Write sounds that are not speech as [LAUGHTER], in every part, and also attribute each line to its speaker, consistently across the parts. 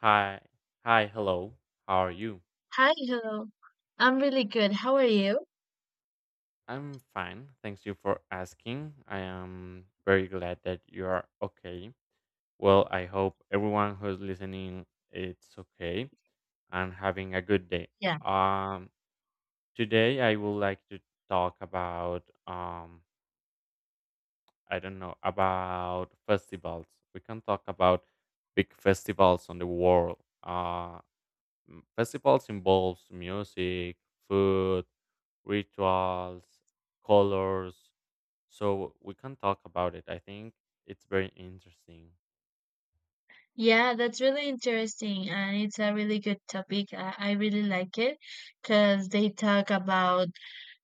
Speaker 1: Hi. Hi, hello. How are you?
Speaker 2: Hi, hello. I'm really good. How are you?
Speaker 1: I'm fine. Thanks you for asking. I am very glad that you are okay. Well, I hope everyone who's listening it's okay and having a good day.
Speaker 2: Yeah.
Speaker 1: Um Today I would like to talk about I don't know, about festivals. We can talk about big festivals on the world. Festivals involves music, food, rituals, colors. So we can talk about it. I think it's very interesting.
Speaker 2: Yeah, that's really interesting and it's a really good topic. I really like it because they talk about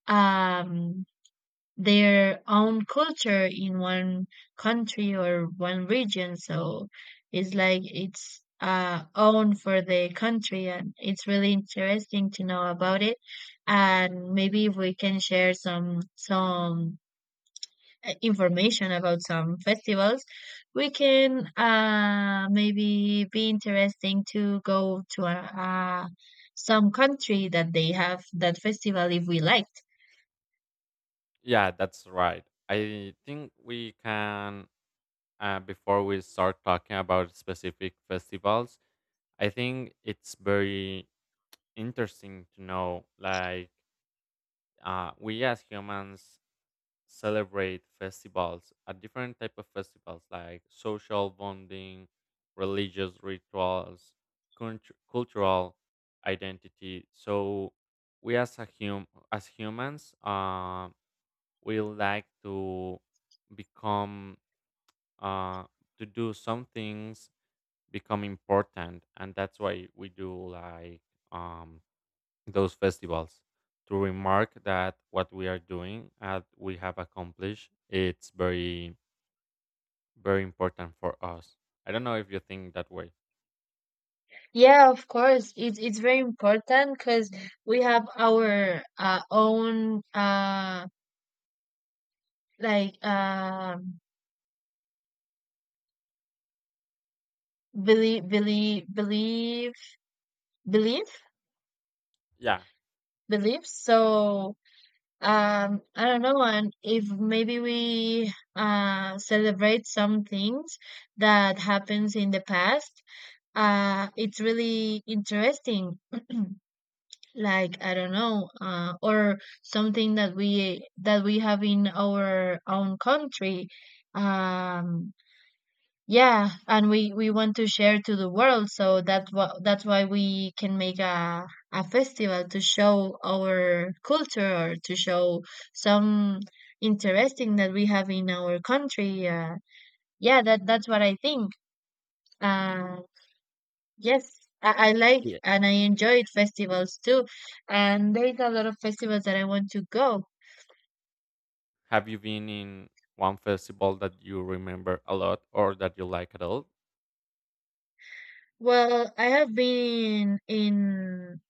Speaker 2: um their own culture in one country or one region. So it's own for the country and it's really interesting to know about it. And maybe if we can share some information about some festivals, we can maybe be interesting to go to a some country that they have that festival if we like.
Speaker 1: Yeah, that's right. I think we can, before we start talking about specific festivals, I think it's very interesting to know, like, we as humans celebrate festivals, a different type of festivals, like social bonding, religious rituals, cultural identity. So we as humans, we like to become uh, to do some things, become important, and that's why we do like um those festivals to remark that what we are doing and we have accomplished it's very very important for us. I don't know if you think that way.
Speaker 2: Yeah, of course, it's very important because we have our own like believe believe believe belief
Speaker 1: Yeah.
Speaker 2: beliefs. So I don't know, and if maybe we celebrate some things that happens in the past, it's really interesting. [CLEARS THROAT] Like I don't know, or something that we have in our own country. Um, yeah, and we want to share to the world, so that's why we can make a festival to show our culture or to show some interesting that we have in our country. Yeah, that's what I think. Uh, yes, I like
Speaker 1: Yeah.
Speaker 2: and I enjoyed festivals too, and there's a lot of festivals that I want to go.
Speaker 1: Have you been in one festival that you remember a lot or that you like at all?
Speaker 2: Well, I have been in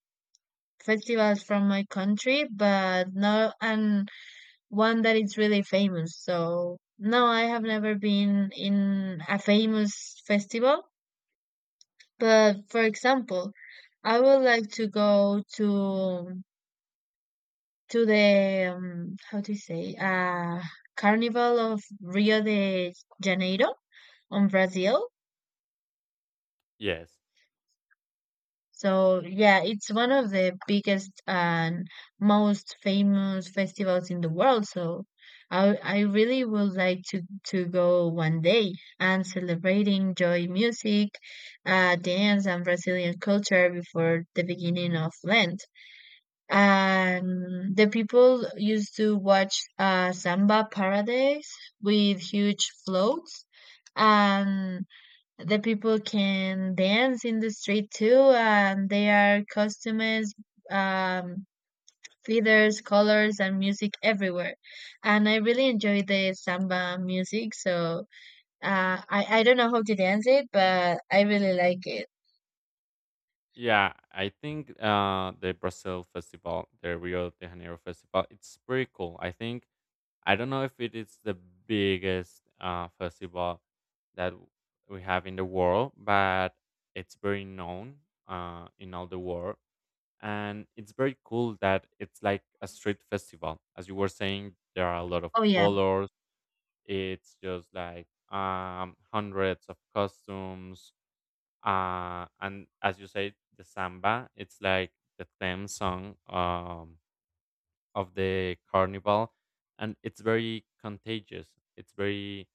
Speaker 2: festivals from my country, but no, and one that is really famous. So no, I have never been in a famous festival. But for example, I would like to go to the how to say Carnival of Rio de Janeiro on Brazil.
Speaker 1: Yes.
Speaker 2: So yeah, it's one of the biggest and most famous festivals in the world. So I really would like to go one day and celebrating joy music, dance and Brazilian culture before the beginning of Lent. And the people used to watch Samba Paradise with huge floats and the people can dance in the street too, and there are costumes, um, feathers, colors, and music everywhere. And I really enjoy the samba music, so I don't know how to dance it, but I really like it.
Speaker 1: Yeah, I think the Brazil festival, the Rio de Janeiro festival, it's pretty cool. I think I don't know if it is the biggest festival that we have in the world, but it's very known in all the world. And it's very cool that it's like a street festival. As you were saying, there are a lot of
Speaker 2: Oh yeah,
Speaker 1: colors. It's just like hundreds of costumes. And as you say, the samba, it's like the theme song. Of the carnival, and it's very contagious, it's very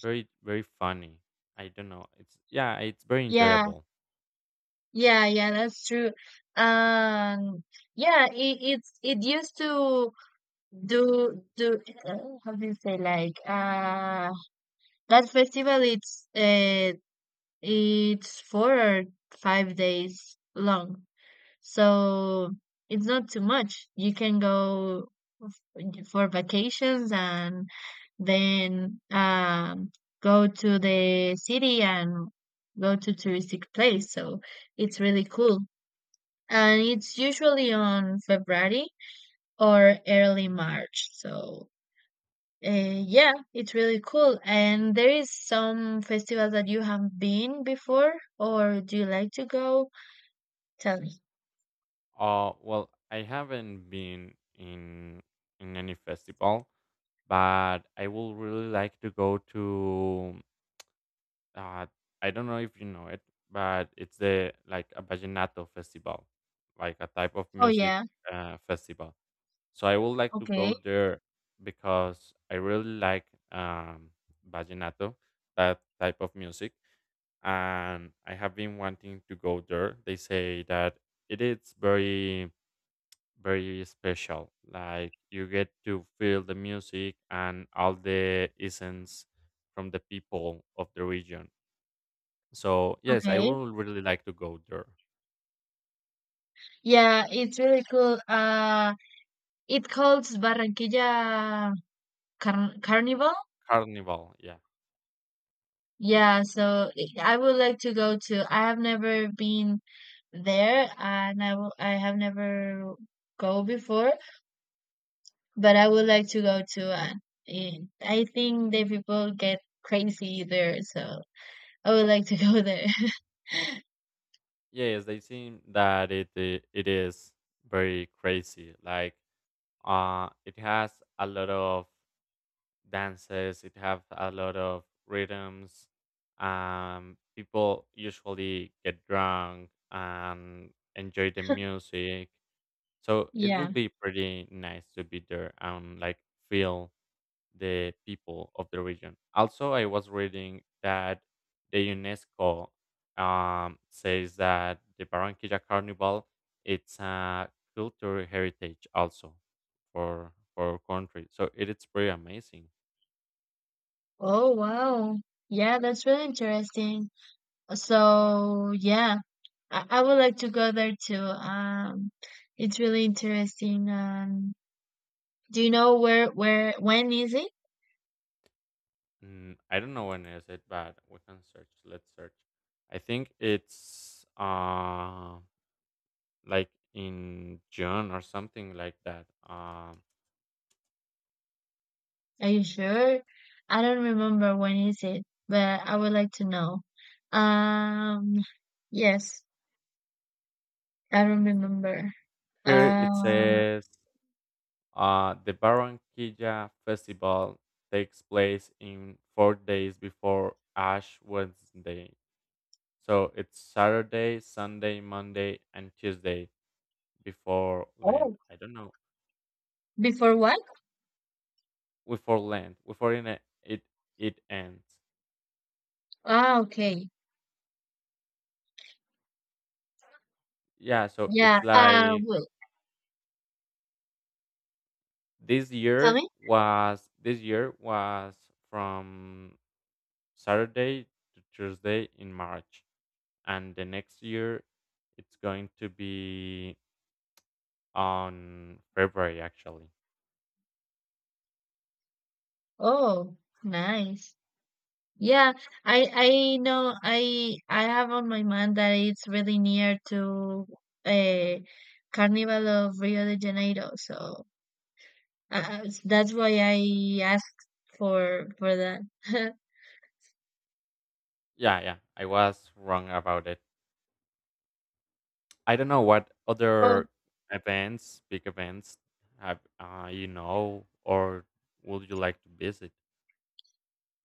Speaker 1: very very funny. I don't know, it's, yeah, it's very
Speaker 2: yeah,
Speaker 1: enjoyable.
Speaker 2: yeah. That's true. Um, yeah, it used to do uh, how do you say, like that festival it's it's 4 or 5 days long. So it's not too much. You can go for vacations and then go to the city and go to touristic place. So it's really cool. And it's usually on February or early March. So yeah, it's really cool. And there is some festival that you have been before, or do you like to go? Tell me.
Speaker 1: Well, I haven't been in any festival, but I will really like to go to uh I don't know if you know it, but it's the like a vallenato festival, like a type of
Speaker 2: Oh
Speaker 1: music
Speaker 2: yeah.
Speaker 1: festival. So I would like to
Speaker 2: Okay.
Speaker 1: go there because I really like, um, vallenato, that type of music, and I have been wanting to go there. They say that it is very very special. Like you get to feel the music and all the essence from the people of the region. So yes, I
Speaker 2: Okay.
Speaker 1: would really like to go there.
Speaker 2: Yeah, it's really cool. It calls Barranquilla Carnival.
Speaker 1: Carnival, yeah.
Speaker 2: Yeah, so I would like to go to. I have never been there, and I will, I have never go before. But I would like to go to an. And I think the people get crazy there, so I would like to go there. [LAUGHS]
Speaker 1: Yeah. Yes, they seem that it is very crazy. Like, it has a lot of dances, it have a lot of rhythms. Um, people usually get drunk and enjoy the music. So it will
Speaker 2: Yeah.
Speaker 1: be pretty nice to be there and like feel the people of the region. Also, I was reading that the UNESCO says that the Barranquilla Carnival it's a cultural heritage also for our country. So it is pretty amazing.
Speaker 2: Oh, wow. Yeah, that's really interesting. So, yeah, I would like to go there too. It's really interesting. Do you know when is it?
Speaker 1: Mm, I don't know when is it, but we can search. Let's search. I think it's like in June or something like that.
Speaker 2: Are you sure? I don't remember when is it, but I would like to know. Um, yes, I don't remember.
Speaker 1: Here it
Speaker 2: Uh,
Speaker 1: says the Barranquilla Festival takes place in 4 days before Ash Wednesday. So it's Saturday, Sunday, Monday, and Tuesday before Lent.
Speaker 2: oh,
Speaker 1: I don't know.
Speaker 2: before what?
Speaker 1: Before Lent, before it ends.
Speaker 2: Ah, okay.
Speaker 1: Yeah, so
Speaker 2: Yeah.
Speaker 1: it's like
Speaker 2: Well,
Speaker 1: this
Speaker 2: tell
Speaker 1: year
Speaker 2: me.
Speaker 1: was this year was from Saturday to Tuesday in March, and the next year it's going to be on February actually.
Speaker 2: Oh, nice. Yeah, I know I have on my mind that it's really near to a Carnival of Rio de Janeiro, so that's why I asked for that. [LAUGHS]
Speaker 1: Yeah, yeah, I was wrong about it. I don't know what
Speaker 2: Oh,
Speaker 1: other events, big events, have you know, or would you like to visit?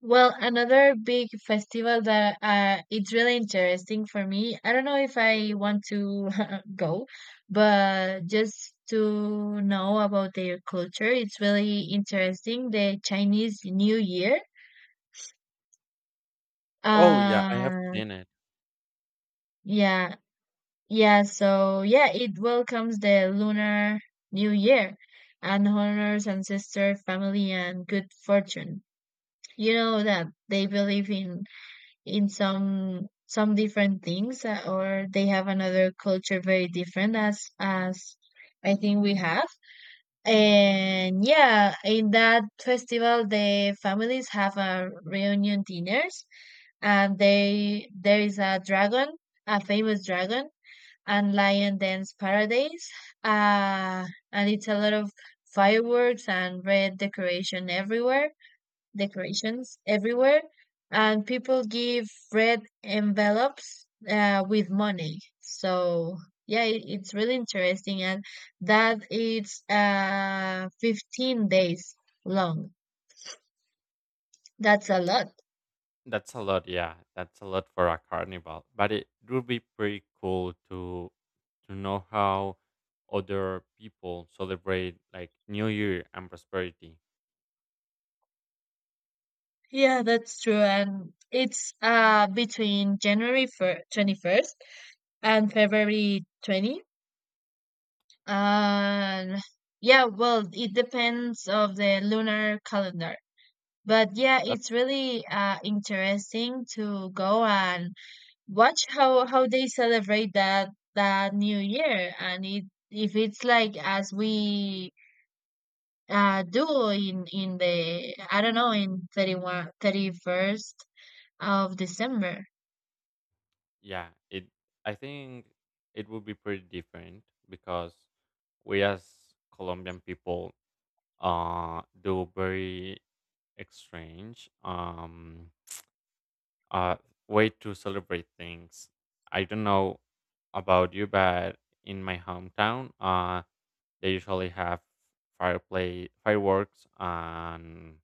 Speaker 2: well, another big festival that it's really interesting for me. I don't know if I want to [LAUGHS] go, but just to know about their culture, it's really interesting. The Chinese New Year.
Speaker 1: Oh yeah, I have
Speaker 2: Uh,
Speaker 1: seen it.
Speaker 2: yeah, yeah. So yeah, it welcomes the Lunar New Year and honors ancestor, family, and good fortune. You know that they believe in some different things or they have another culture very different as I think we have. And yeah, in that festival the families have a reunion dinners and they there is a dragon, a famous dragon and lion dance paradise. Uh and it's a lot of fireworks and red decoration everywhere decorations everywhere, and people give red envelopes with money. So yeah, it's really interesting, and that it's 15 days long. That's a lot.
Speaker 1: That's a lot. Yeah, that's a lot for a carnival. But it would be pretty cool to know how other people celebrate like New Year and prosperity.
Speaker 2: Yeah, that's true, and it's between January fir 21st and February 20. And yeah, well, it depends of the lunar calendar. But yeah,
Speaker 1: That
Speaker 2: it's really interesting to go and watch how they celebrate that New Year, and it if it's like as we do in the I don't know in 31st of December.
Speaker 1: yeah, it. I think it would be pretty different because we as Colombian people do very strange uh, way to celebrate things. I don't know about you, but in my hometown, they usually have fireplace fireworks, and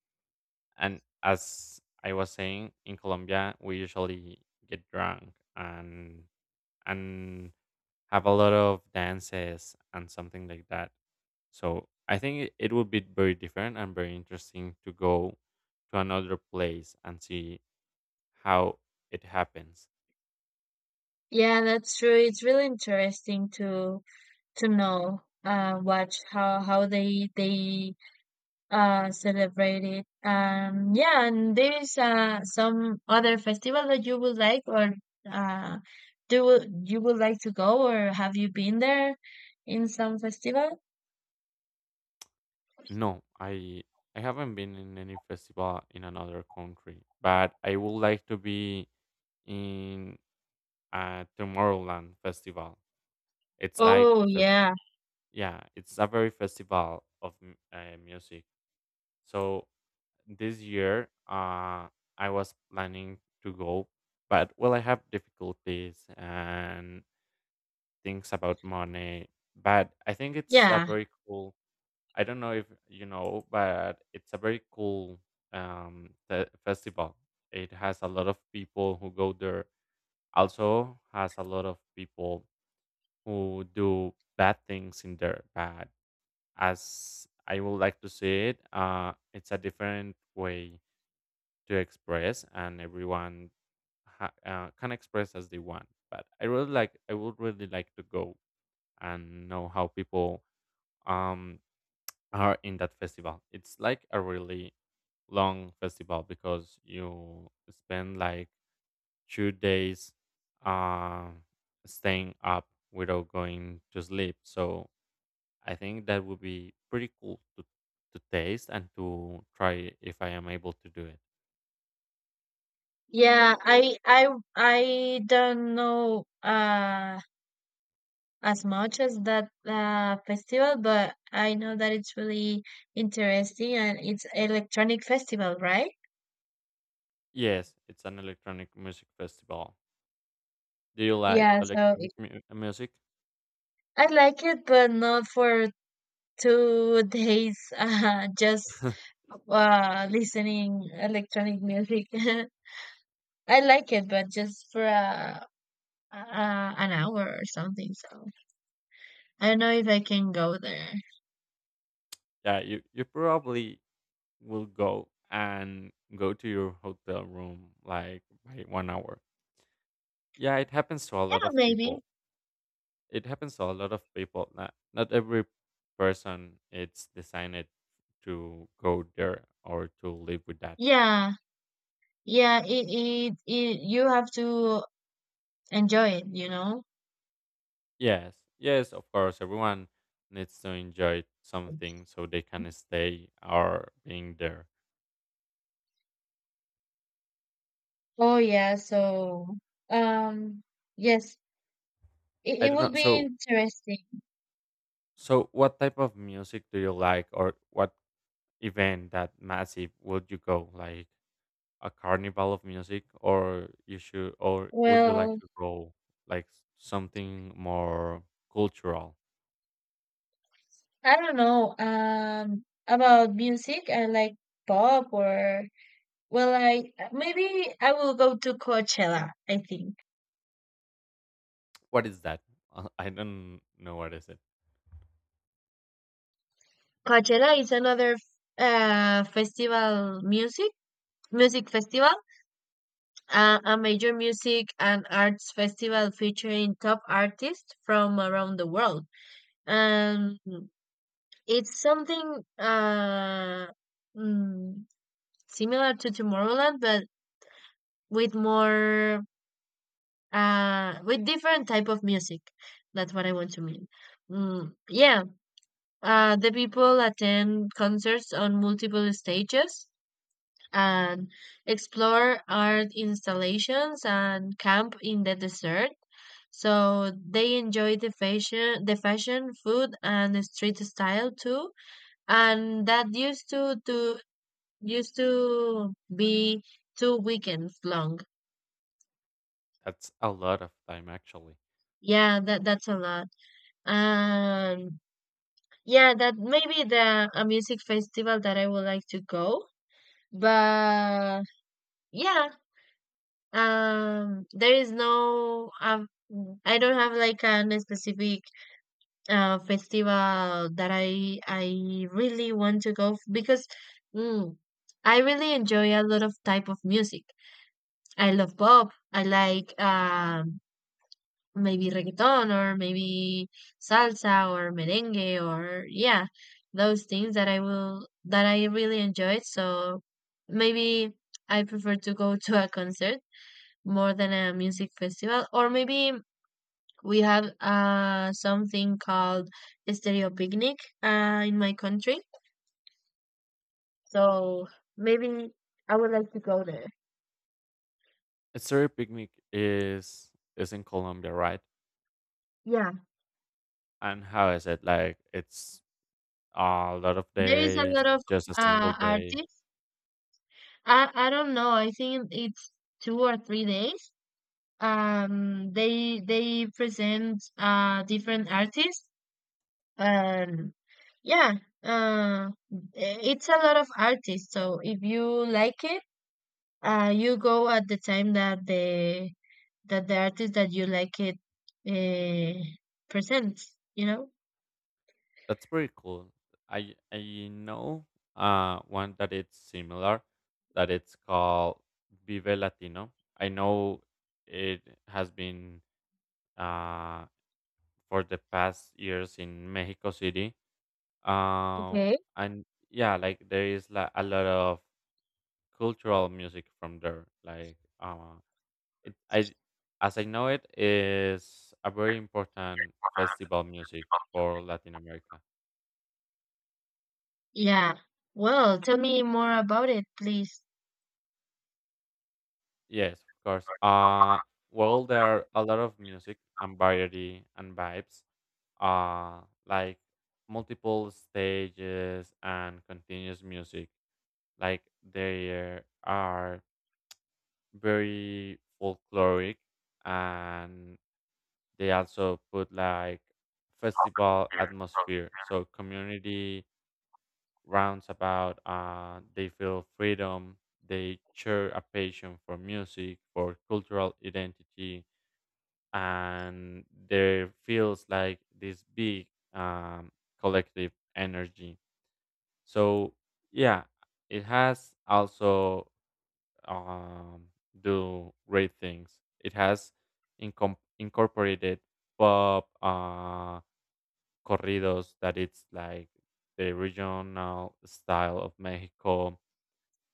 Speaker 1: and as I was saying, in Colombia, we usually get drunk and and have a lot of dances and something like that. So I think it it would be very different and very interesting to go to another place and see how it happens.
Speaker 2: Yeah, that's true. It's really interesting to know, watch how they celebrate it. Um, yeah, and there is some other festival that you would like, or uh do you would like to go, or have you been there in some festival?
Speaker 1: No, I haven't been in any festival in another country, but I would like to be in a Tomorrowland festival. It's like
Speaker 2: Oh
Speaker 1: a fest.
Speaker 2: yeah.
Speaker 1: Yeah, it's a very festival of music. So this year, I was planning to go, but well, I have difficulties and things about money, but I think it's a
Speaker 2: yeah
Speaker 1: very cool. I don't know if you know, but it's a very cool the festival. It has a lot of people who go there. Also has a lot of people who do bad things in there. But as I would like to see it, it's a different way to express, and everyone can express as they want. But I really like. I would really like to go and know how people um, are in that festival. It's like a really long festival because you spend like 2 days uh, staying up without going to sleep. So I think that would be pretty cool to taste and to try if I am able to do it.
Speaker 2: yeah i i I don't know, as much as that festival, but I know that it's really interesting, and it's electronic festival, right?
Speaker 1: Yes, it's an electronic music festival. Do you like
Speaker 2: Yeah, so
Speaker 1: electronic music?
Speaker 2: I like it but not for today's [LAUGHS] just
Speaker 1: [LAUGHS]
Speaker 2: listening electronic music. [LAUGHS] I like it, but just for an hour or something. So I don't know if I can go there.
Speaker 1: yeah, you probably will go and go to your hotel room like by 1 hour. Yeah, it happens to a
Speaker 2: Yeah,
Speaker 1: lot of
Speaker 2: maybe.
Speaker 1: people. It happens to a lot of people. Not not every person it's designed to go there or to live with that.
Speaker 2: Yeah, yeah. It you have to enjoy it, you know.
Speaker 1: Yes, yes, of course. Everyone needs to enjoy something so they can stay or being there.
Speaker 2: Oh yeah. So um, yes,
Speaker 1: I
Speaker 2: it
Speaker 1: don't
Speaker 2: will
Speaker 1: know.
Speaker 2: be
Speaker 1: So
Speaker 2: interesting.
Speaker 1: so what type of music do you like, or what event that massive would you go, like a carnival of music, or you should, or would you like
Speaker 2: Well,
Speaker 1: to go like something more cultural?
Speaker 2: I don't know. About music, I like pop or well, I maybe I will go to Coachella, I think.
Speaker 1: What is that? [LAUGHS] I don't know what is it.
Speaker 2: Coachella is another festival music music festival, a major music and arts festival featuring top artists from around the world. And it's something mm, similar to Tomorrowland, but with more with different type of music. That's what I want to mean. Yeah, the people attend concerts on multiple stages and explore art installations and camp in the desert. So they enjoy the fashion, food, and the street style too. And that used to used to be two weekends long.
Speaker 1: That's a lot of time actually.
Speaker 2: Yeah, that's a lot. Um, yeah, that maybe the a music festival that I would like to go, but yeah, there is no, I don't have like an specific festival that I really want to go because mm, I really enjoy a lot of type of music. I love pop. I like maybe reggaeton or maybe salsa or merengue or yeah, those things that I really enjoy. So maybe I prefer to go [LAUGHS] to a concert more than a music festival, or maybe we have something called stereo picnic in my country. So maybe I would like to go there.
Speaker 1: A Surrey picnic is in Colombia, right?
Speaker 2: Yeah,
Speaker 1: And how is it? Like it's a lot of
Speaker 2: there is a
Speaker 1: days,
Speaker 2: lot of
Speaker 1: just a single day?
Speaker 2: artists. I don't know, I think it's 2 or 3 days. Um, they present different artists. And yeah, uh it's a lot of artists, so if you like it, you go at the time that the artist that you like it, uh, presents, you know.
Speaker 1: That's pretty cool. I know one that it's similar, that it's called Vive Latino. I know it has been uh for the past years in Mexico City. Uh,
Speaker 2: Okay.
Speaker 1: and yeah, like there is like a lot of cultural music from there. Like it I as I know it is a very important festival music for Latin America.
Speaker 2: Yeah, well, tell me more about it, please.
Speaker 1: Yes, of course. Well, there are a lot of music and variety and vibes, like multiple stages and continuous music. Like they are very folkloric, and they also put like festival atmosphere. So community rounds about, they feel freedom. They share a passion for music, for cultural identity, and there feels like this big um, collective energy. So yeah, it has also um, do great things. It has incorporated pop corridos, that it's like the regional style of Mexico.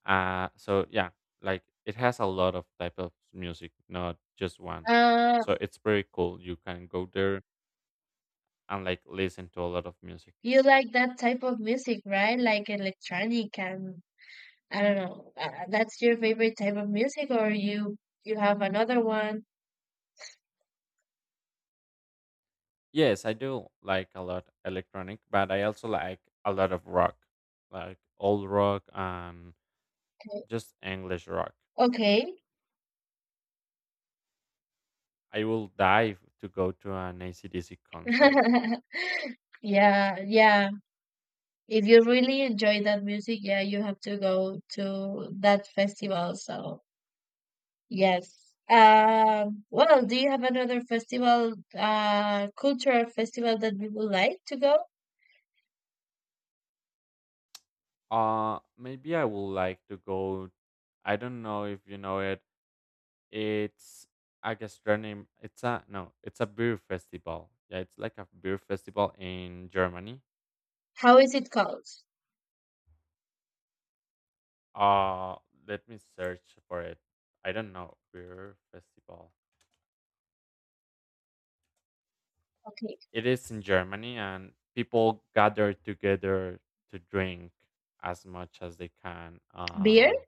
Speaker 1: So yeah, like it has a lot of type of music, not just one.
Speaker 2: uh
Speaker 1: So it's very cool. You can go there and like listen to a lot of music.
Speaker 2: you like that type of music, right? Like electronic and, I don't know, that's your favorite type of music, or you have another one?
Speaker 1: Yes, I do like a lot electronic, but I also like a lot of rock, like old rock, and just English rock.
Speaker 2: Okay.
Speaker 1: I will dive to go to an ACDC concert.
Speaker 2: [LAUGHS] Yeah, yeah. If you really enjoy that music, yeah, you have to go to that festival. So yes. Well, do you have another festival, cultural festival that you would like to go?
Speaker 1: Maybe I would like to go I don't know if you know it. It's a gastronomy it's a no, it's a beer festival. Yeah, it's like a beer festival in Germany.
Speaker 2: How is it called?
Speaker 1: Uh, Let me search for it. I don't know. Beer festival.
Speaker 2: Okay.
Speaker 1: It is in Germany, and people gather together to drink as much as they can.
Speaker 2: Beer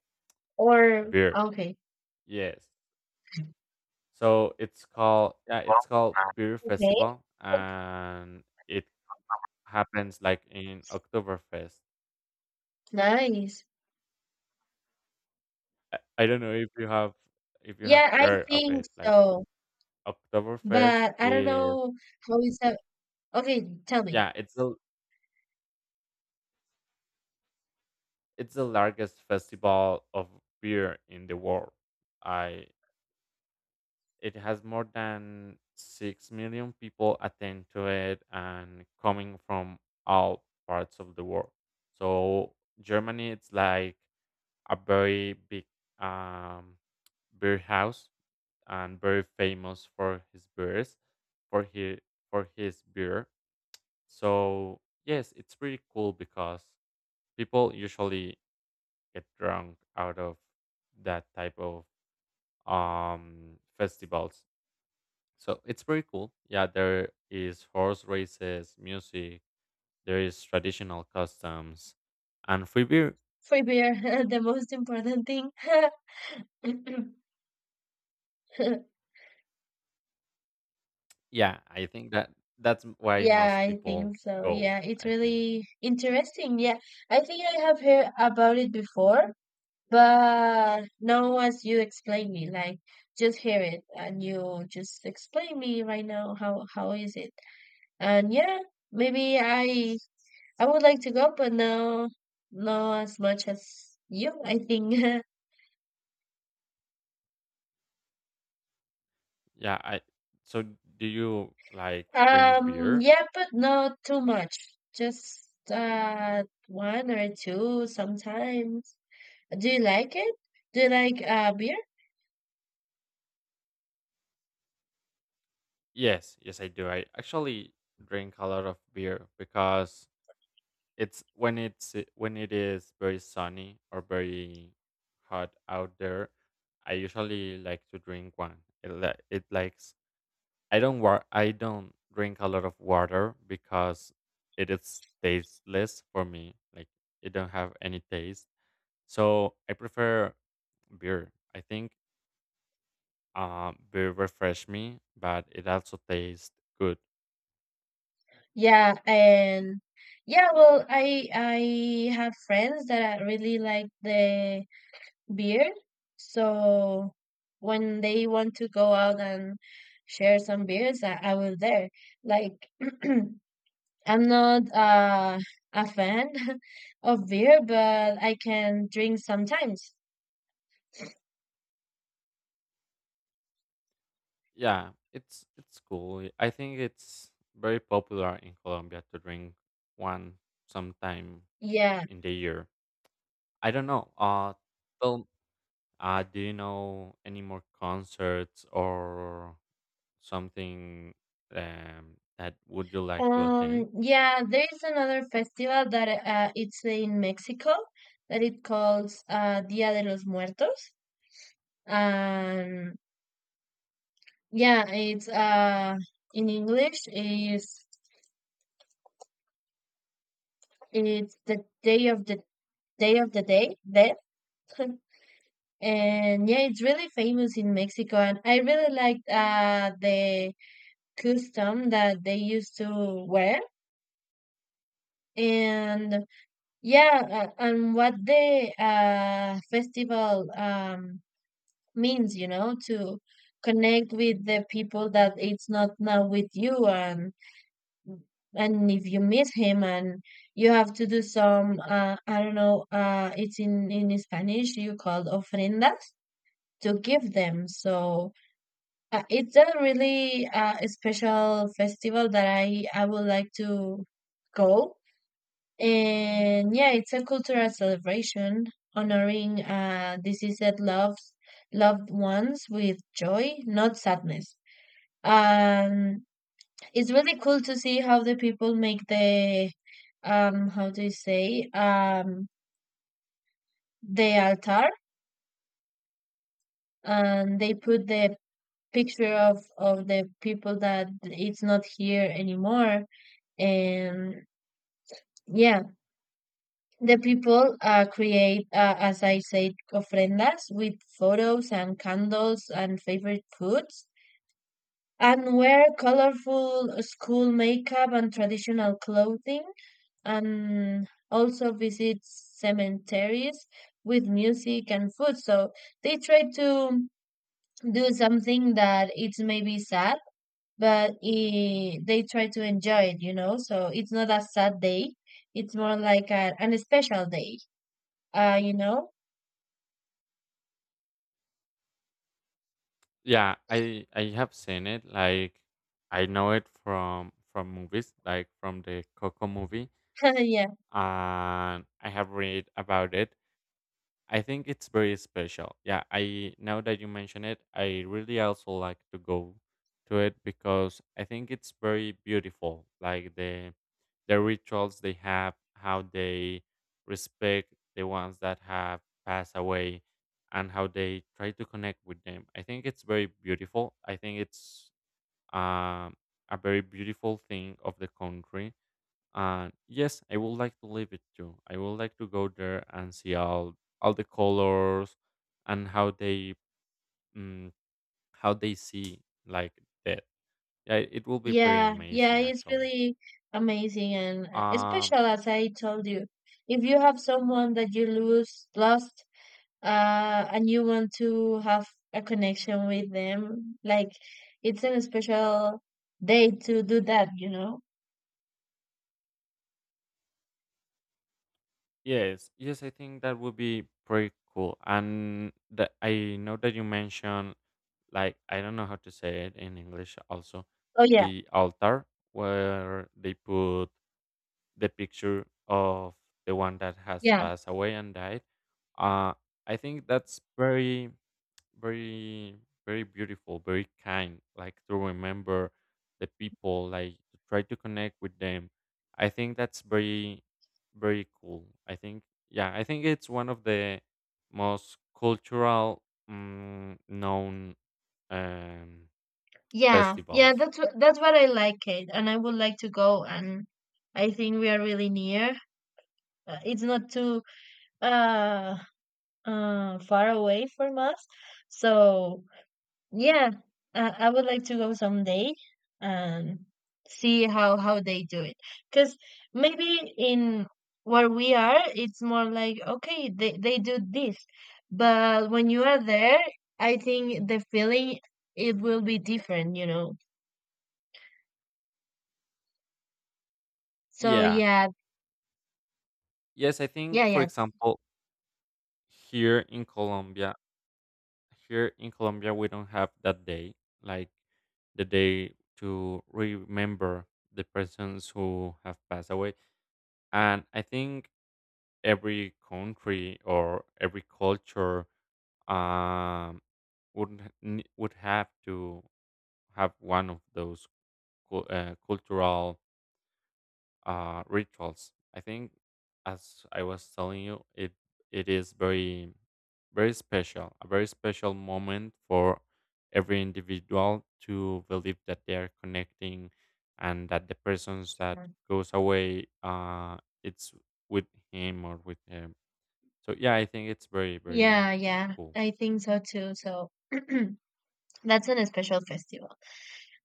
Speaker 2: or
Speaker 1: Beer.
Speaker 2: okay.
Speaker 1: Yes. So it's called yeah, it's called beer
Speaker 2: Okay.
Speaker 1: festival, and it happens like in Oktoberfest.
Speaker 2: Nice.
Speaker 1: I don't know if you have
Speaker 2: Yeah, I
Speaker 1: heard of
Speaker 2: think
Speaker 1: it. Like
Speaker 2: so.
Speaker 1: Oktoberfest
Speaker 2: But I don't
Speaker 1: is
Speaker 2: know how is that. Okay, tell me.
Speaker 1: yeah, it's a It's the largest festival of beer in the world. I it has more than 6 million people attend to it and coming from all parts of the world. So Germany it's like a very big um beer house and very famous for his beers for his for his beer. So yes, it's pretty cool because people usually get drunk out of that type of festivals. So it's pretty cool. Yeah, there is horse races, music, there is traditional customs, and free beer.
Speaker 2: Free beer, [LAUGHS] the most important thing. [LAUGHS]
Speaker 1: Yeah, I think that that's why
Speaker 2: Yeah,
Speaker 1: most
Speaker 2: I
Speaker 1: people
Speaker 2: think so.
Speaker 1: go,
Speaker 2: Yeah, it's
Speaker 1: I think.
Speaker 2: really interesting. Yeah, I think I have heard about it before. But now, as you explain me, like just hear it, and you just explain me right now how is it, and yeah, maybe I would like to go, but no, not as much as you, I think. [LAUGHS]
Speaker 1: Yeah, I so do you like drink beer?
Speaker 2: Yeah, but not too much. Just one or two sometimes. Do you like it? Do you like beer?
Speaker 1: Yes, yes I do. I actually drink a lot of beer because It's when it's eh, when it is very sunny or very hot out there. I usually like to drink one. It, it likes I don't I don't drink a lot of water because it is tasteless for me. Like it don't have any taste. So I prefer beer. I think beer refresh me, but it also tastes good.
Speaker 2: Yeah, and yeah, well, I have friends that really like the beer. So when they want to go out and share some beers, I was there. Like [CLEARS THROAT] I'm not a fan [LAUGHS] of beer, but I can drink sometimes.
Speaker 1: Yeah, it's cool. I think it's very popular in Colombia to drink one sometime
Speaker 2: Yeah.
Speaker 1: in the year. I don't know. Tell, do you know any more concerts or something that would you like to attend?
Speaker 2: Yeah, there is another festival that it's in Mexico that it calls Dia de los Muertos. Um, yeah, it's in English is it's the day of the day of the day death, [LAUGHS] and yeah, it's really famous in Mexico, and I really liked the custom that they used to wear, and yeah, and what the festival means, to connect with the people that it's not now with you, and if you meet him, and you have to do some, I don't know, it's in Spanish, you call ofrendas to give them. So, it's a really, special festival that I would like to go. And yeah, it's a cultural celebration honoring, deceased loved ones with joy, not sadness. um it's really cool to see how the people make the, how do you say, the altar, and they put the picture of the people that it's not here anymore. And yeah, the people create, as I said, ofrendas with photos and candles and favorite foods, and wear colorful school makeup and traditional clothing, and also visit cemeteries with music and food. So they try to do something that it's maybe sad, but I they try to enjoy it, you know? So it's not a sad day. It's more like, a, an special day, you know?
Speaker 1: Yeah, I have seen it. Like I know it from movies, like from the Coco movie,
Speaker 2: [LAUGHS] Yeah.
Speaker 1: and I have read about it. I think it's very special. Yeah, I now that you mention it, I really also like to go to it because I think it's very beautiful. Like the rituals they have, how they respect the ones that have passed away and how they try to connect with them. I think it's very beautiful. I think it's um, a very beautiful thing of the country and yes, I would like to live it too. I would like to go there and see all the colors and how they mm, how they see like that. Yeah, it will be pretty
Speaker 2: Yeah, yeah,
Speaker 1: amazing
Speaker 2: it's
Speaker 1: actually.
Speaker 2: really amazing and, special,
Speaker 1: Um,
Speaker 2: as I told you. If you have someone that you lost, and you want to have a connection with them. Like, it's a special day to do that, you know?
Speaker 1: yes, yes, I think that would be pretty cool. And the, I know that you mentioned like I don't know how to say it in English also
Speaker 2: Oh yeah.
Speaker 1: the altar where they put the picture of the one that has
Speaker 2: Yeah,
Speaker 1: passed away and died. Uh, I think that's very, very, very beautiful, very kind. Like to remember the people, like to try to connect with them. I think that's very, very cool. I think, yeah, I think it's one of the most cultural known um,
Speaker 2: yeah, yeah.
Speaker 1: festivals.
Speaker 2: That's what I like, Kate, and I would like to go. And I think we are really near. It's not too uh far away from us, so. Yeah, I would like to go someday and see how they do it. Because maybe in where we are, it's more like, okay, they do this, but when you are there, I think the feeling it will be different, you know. So
Speaker 1: Yeah.
Speaker 2: yeah.
Speaker 1: Yes, I
Speaker 2: Yeah,
Speaker 1: think, for
Speaker 2: yeah,
Speaker 1: example, here in Colombia, here in Colombia, we don't have that day, like the day to remember the persons who have passed away. And I think every country or every culture um, would have to have one of those cultural rituals. I think, as I was telling you, it is very very special, a very special moment for every individual to believe that they are connecting, and that the persons that goes away, it's with him or with him. So yeah, I think it's very very
Speaker 2: yeah, yeah,
Speaker 1: cool.
Speaker 2: I think so too. So [CLEARS THROAT] that's an special festival.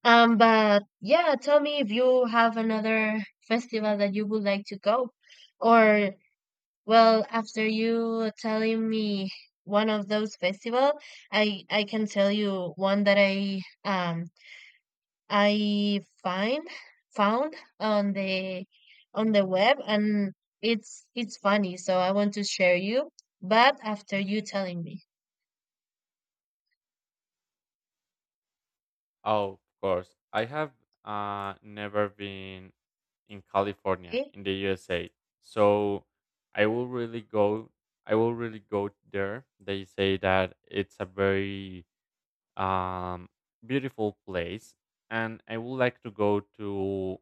Speaker 2: But yeah, tell me if you have another festival that you would like to go, or, well, after you telling me one of those festival, I can tell you one that I find found on the web, and it's funny, so I want to share you, but after you telling me,
Speaker 1: Oh, of course. I have never been in California,
Speaker 2: okay?
Speaker 1: in the USA. So I will really go. I will really go there. They say that it's a very um, beautiful place, and I would like to go to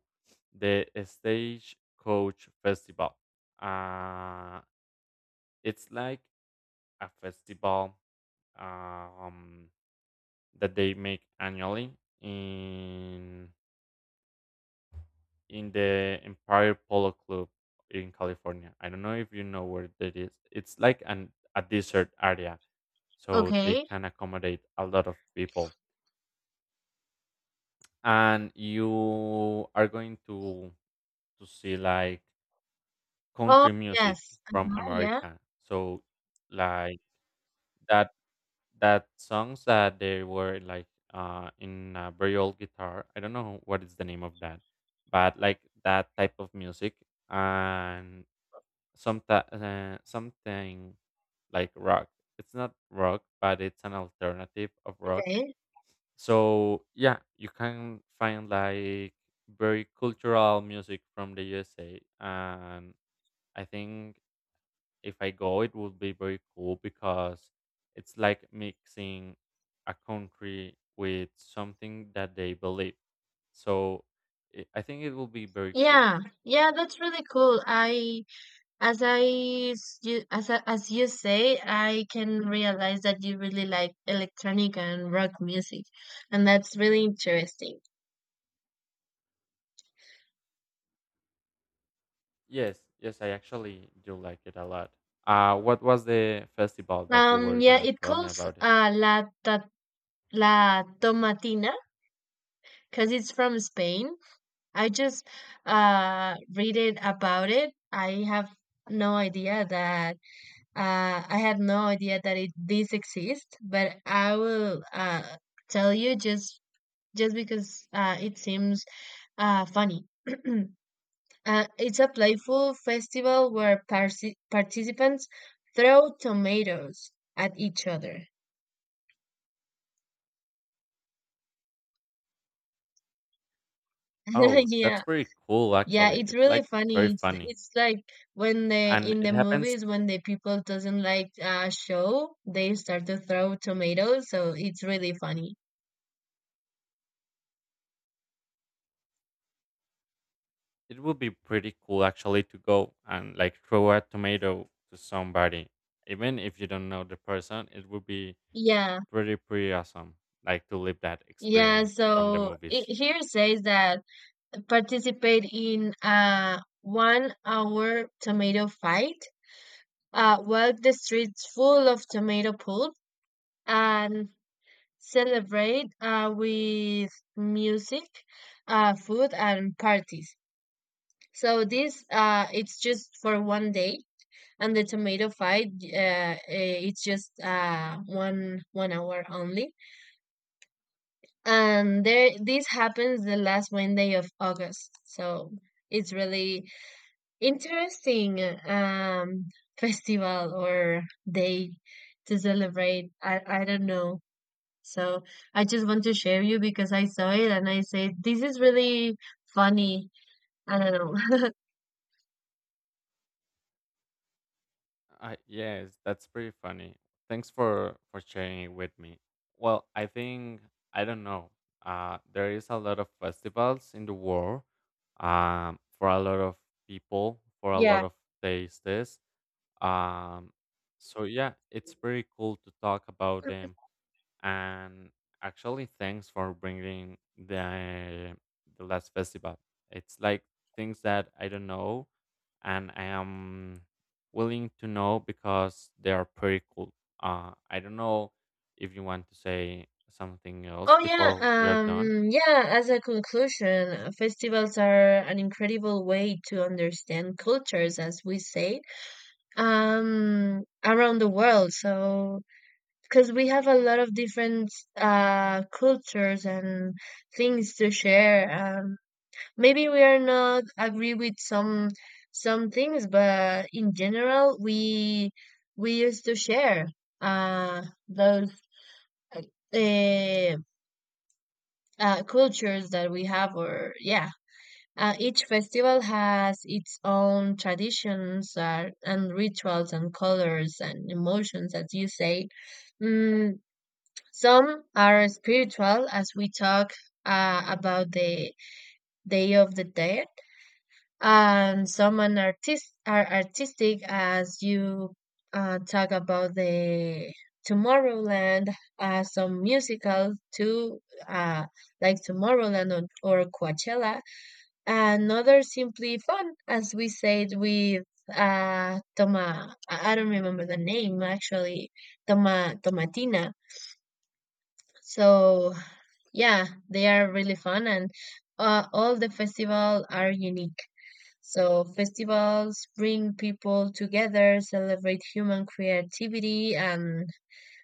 Speaker 1: the Stagecoach Festival. Uh, it's like a festival um, that they make annually in the Empire Polo Club in California. I don't know if you know where that is. It's like an a desert area, so they
Speaker 2: Okay.
Speaker 1: can accommodate a lot of people. And you are going to see like
Speaker 2: Oh
Speaker 1: country music
Speaker 2: yes.
Speaker 1: from
Speaker 2: Uh-huh, yeah.
Speaker 1: America. So like that that songs that they were like in a very old guitar. I don't know what is the name of that, but like that type of music and someti something like rock. It's not rock, but it's an alternative of rock.
Speaker 2: Okay.
Speaker 1: So yeah, you can find like very cultural music from the USA, and I think if I go, it would be very cool because it's like mixing a country with something that they believe. So it, I think it will be very cool.
Speaker 2: Yeah, yeah, that's really cool. I, as I, s- you, as I- As you say, I can realize that you really like electronic and rock music, and that's really interesting.
Speaker 1: Yes, yes, I actually do like it a lot. What was the festival that you were
Speaker 2: Yeah,
Speaker 1: gonna
Speaker 2: it
Speaker 1: tell me
Speaker 2: calls
Speaker 1: about it?
Speaker 2: uh La Ta- La Tomatina because it's from Spain. I just read it about it. No idea that I had no idea that it this exists, but I will tell you, just because, it seems, funny. [CLEARS THROAT] It's a playful festival where parsi participants throw tomatoes at each other. [LAUGHS]
Speaker 1: Oh,
Speaker 2: Yeah.
Speaker 1: that's pretty cool
Speaker 2: Yeah,
Speaker 1: actually.
Speaker 2: it's
Speaker 1: It's
Speaker 2: really
Speaker 1: like
Speaker 2: funny.
Speaker 1: very
Speaker 2: It's
Speaker 1: funny.
Speaker 2: it's like when the
Speaker 1: And
Speaker 2: in
Speaker 1: it
Speaker 2: the
Speaker 1: happens
Speaker 2: movies, when the people doesn't like a show, they start to throw tomatoes, so it's really funny.
Speaker 1: it would be pretty cool actually to go and like throw a tomato to somebody. Even if you don't know the person, it would be
Speaker 2: Yeah,
Speaker 1: pretty pretty awesome like to live that
Speaker 2: yeah.
Speaker 1: experience from the
Speaker 2: So it,
Speaker 1: movies.
Speaker 2: here says that participate in a 1 hour tomato fight, walk the streets full of tomato pulp, and celebrate, with music, food, and parties. So this, it's just for one day, and the tomato fight, it's just, one hour only, and there this happens the last Wednesday of August. So it's really interesting, um festival or day to celebrate. I don't know. So I just want to share you because I saw it and I said this is really funny. I don't know.
Speaker 1: Yes, that's pretty funny. Thanks for sharing it with me. Well, I think I don't know. There is a lot of festivals in the world. For a lot of people, for
Speaker 2: [LAUGHS]
Speaker 1: a
Speaker 2: Yeah.
Speaker 1: lot of tastes. Um, so yeah, it's pretty cool to talk about them and actually thanks for bringing the last festival it's like things that I don't know and I am willing to know because they are pretty cool. Uh, I don't know if you want to say something else
Speaker 2: Oh yeah,
Speaker 1: before we are done.
Speaker 2: yeah, as a conclusion, festivals are an incredible way to understand cultures, as we say, around the world. So, because we have a lot of different, cultures and things to share. Um, maybe we are not agree with some things, but in general, we used to share, those, uh, cultures that we have, or yeah. Each festival has its own traditions, and rituals and colors and emotions, as you say. Mm. Some are spiritual, as we talk, about the Day of the Dead, and some are, are artistic, as you, talk about the Tomorrowland, some musical too, uh, like Tomorrowland or Coachella, and others simply fun, as we said with Toma. I don't remember the name actually. Tomatina. So yeah, they are really fun, and all the festival are unique. So festivals bring people together, celebrate human creativity, and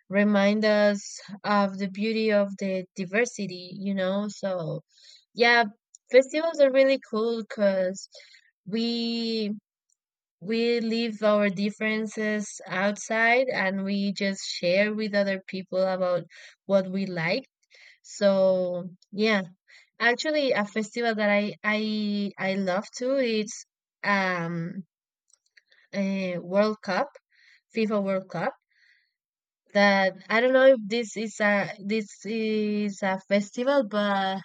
Speaker 2: remind us of the beauty of the diversity, you know? So yeah, festivals are really cool because we we leave our differences outside, and we just share with other people about what we like. So yeah, actually, a festival that I love too is, um a World Cup, FIFA World Cup. That I don't know if this is a festival, but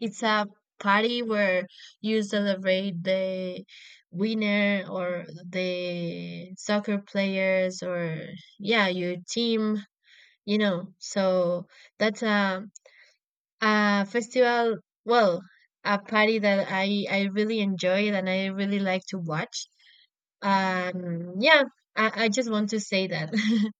Speaker 2: it's a party where you celebrate the winner or the soccer players, or, yeah, your team, you know, so that's a festival, well, a party that I really enjoyed and I really like to watch. Yeah, I just want to say that. [LAUGHS]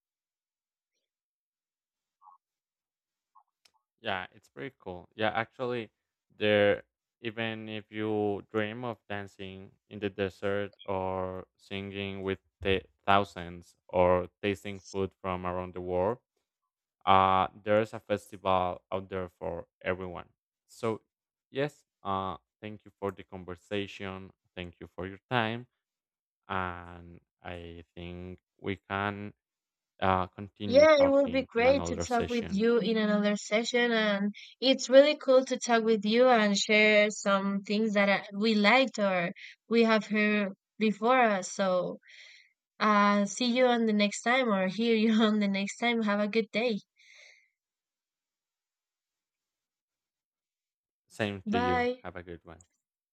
Speaker 1: Yeah, it's pretty cool. Yeah, actually, there even if you dream of dancing in the desert or singing with thousands or tasting food from around the world, there's a festival out there for everyone. So, yes, thank you for the conversation. Thank you for your time, and I think we can continue
Speaker 2: Yeah, it will be
Speaker 1: talking in
Speaker 2: great to
Speaker 1: another
Speaker 2: talk with
Speaker 1: session.
Speaker 2: you in another session, and it's really cool to talk with you and share some things that, we liked or we have heard before us. So, see you on the next time, or hear you [LAUGHS] on the next time. Have a good day.
Speaker 1: Same to you.
Speaker 2: Bye.
Speaker 1: Have a good one.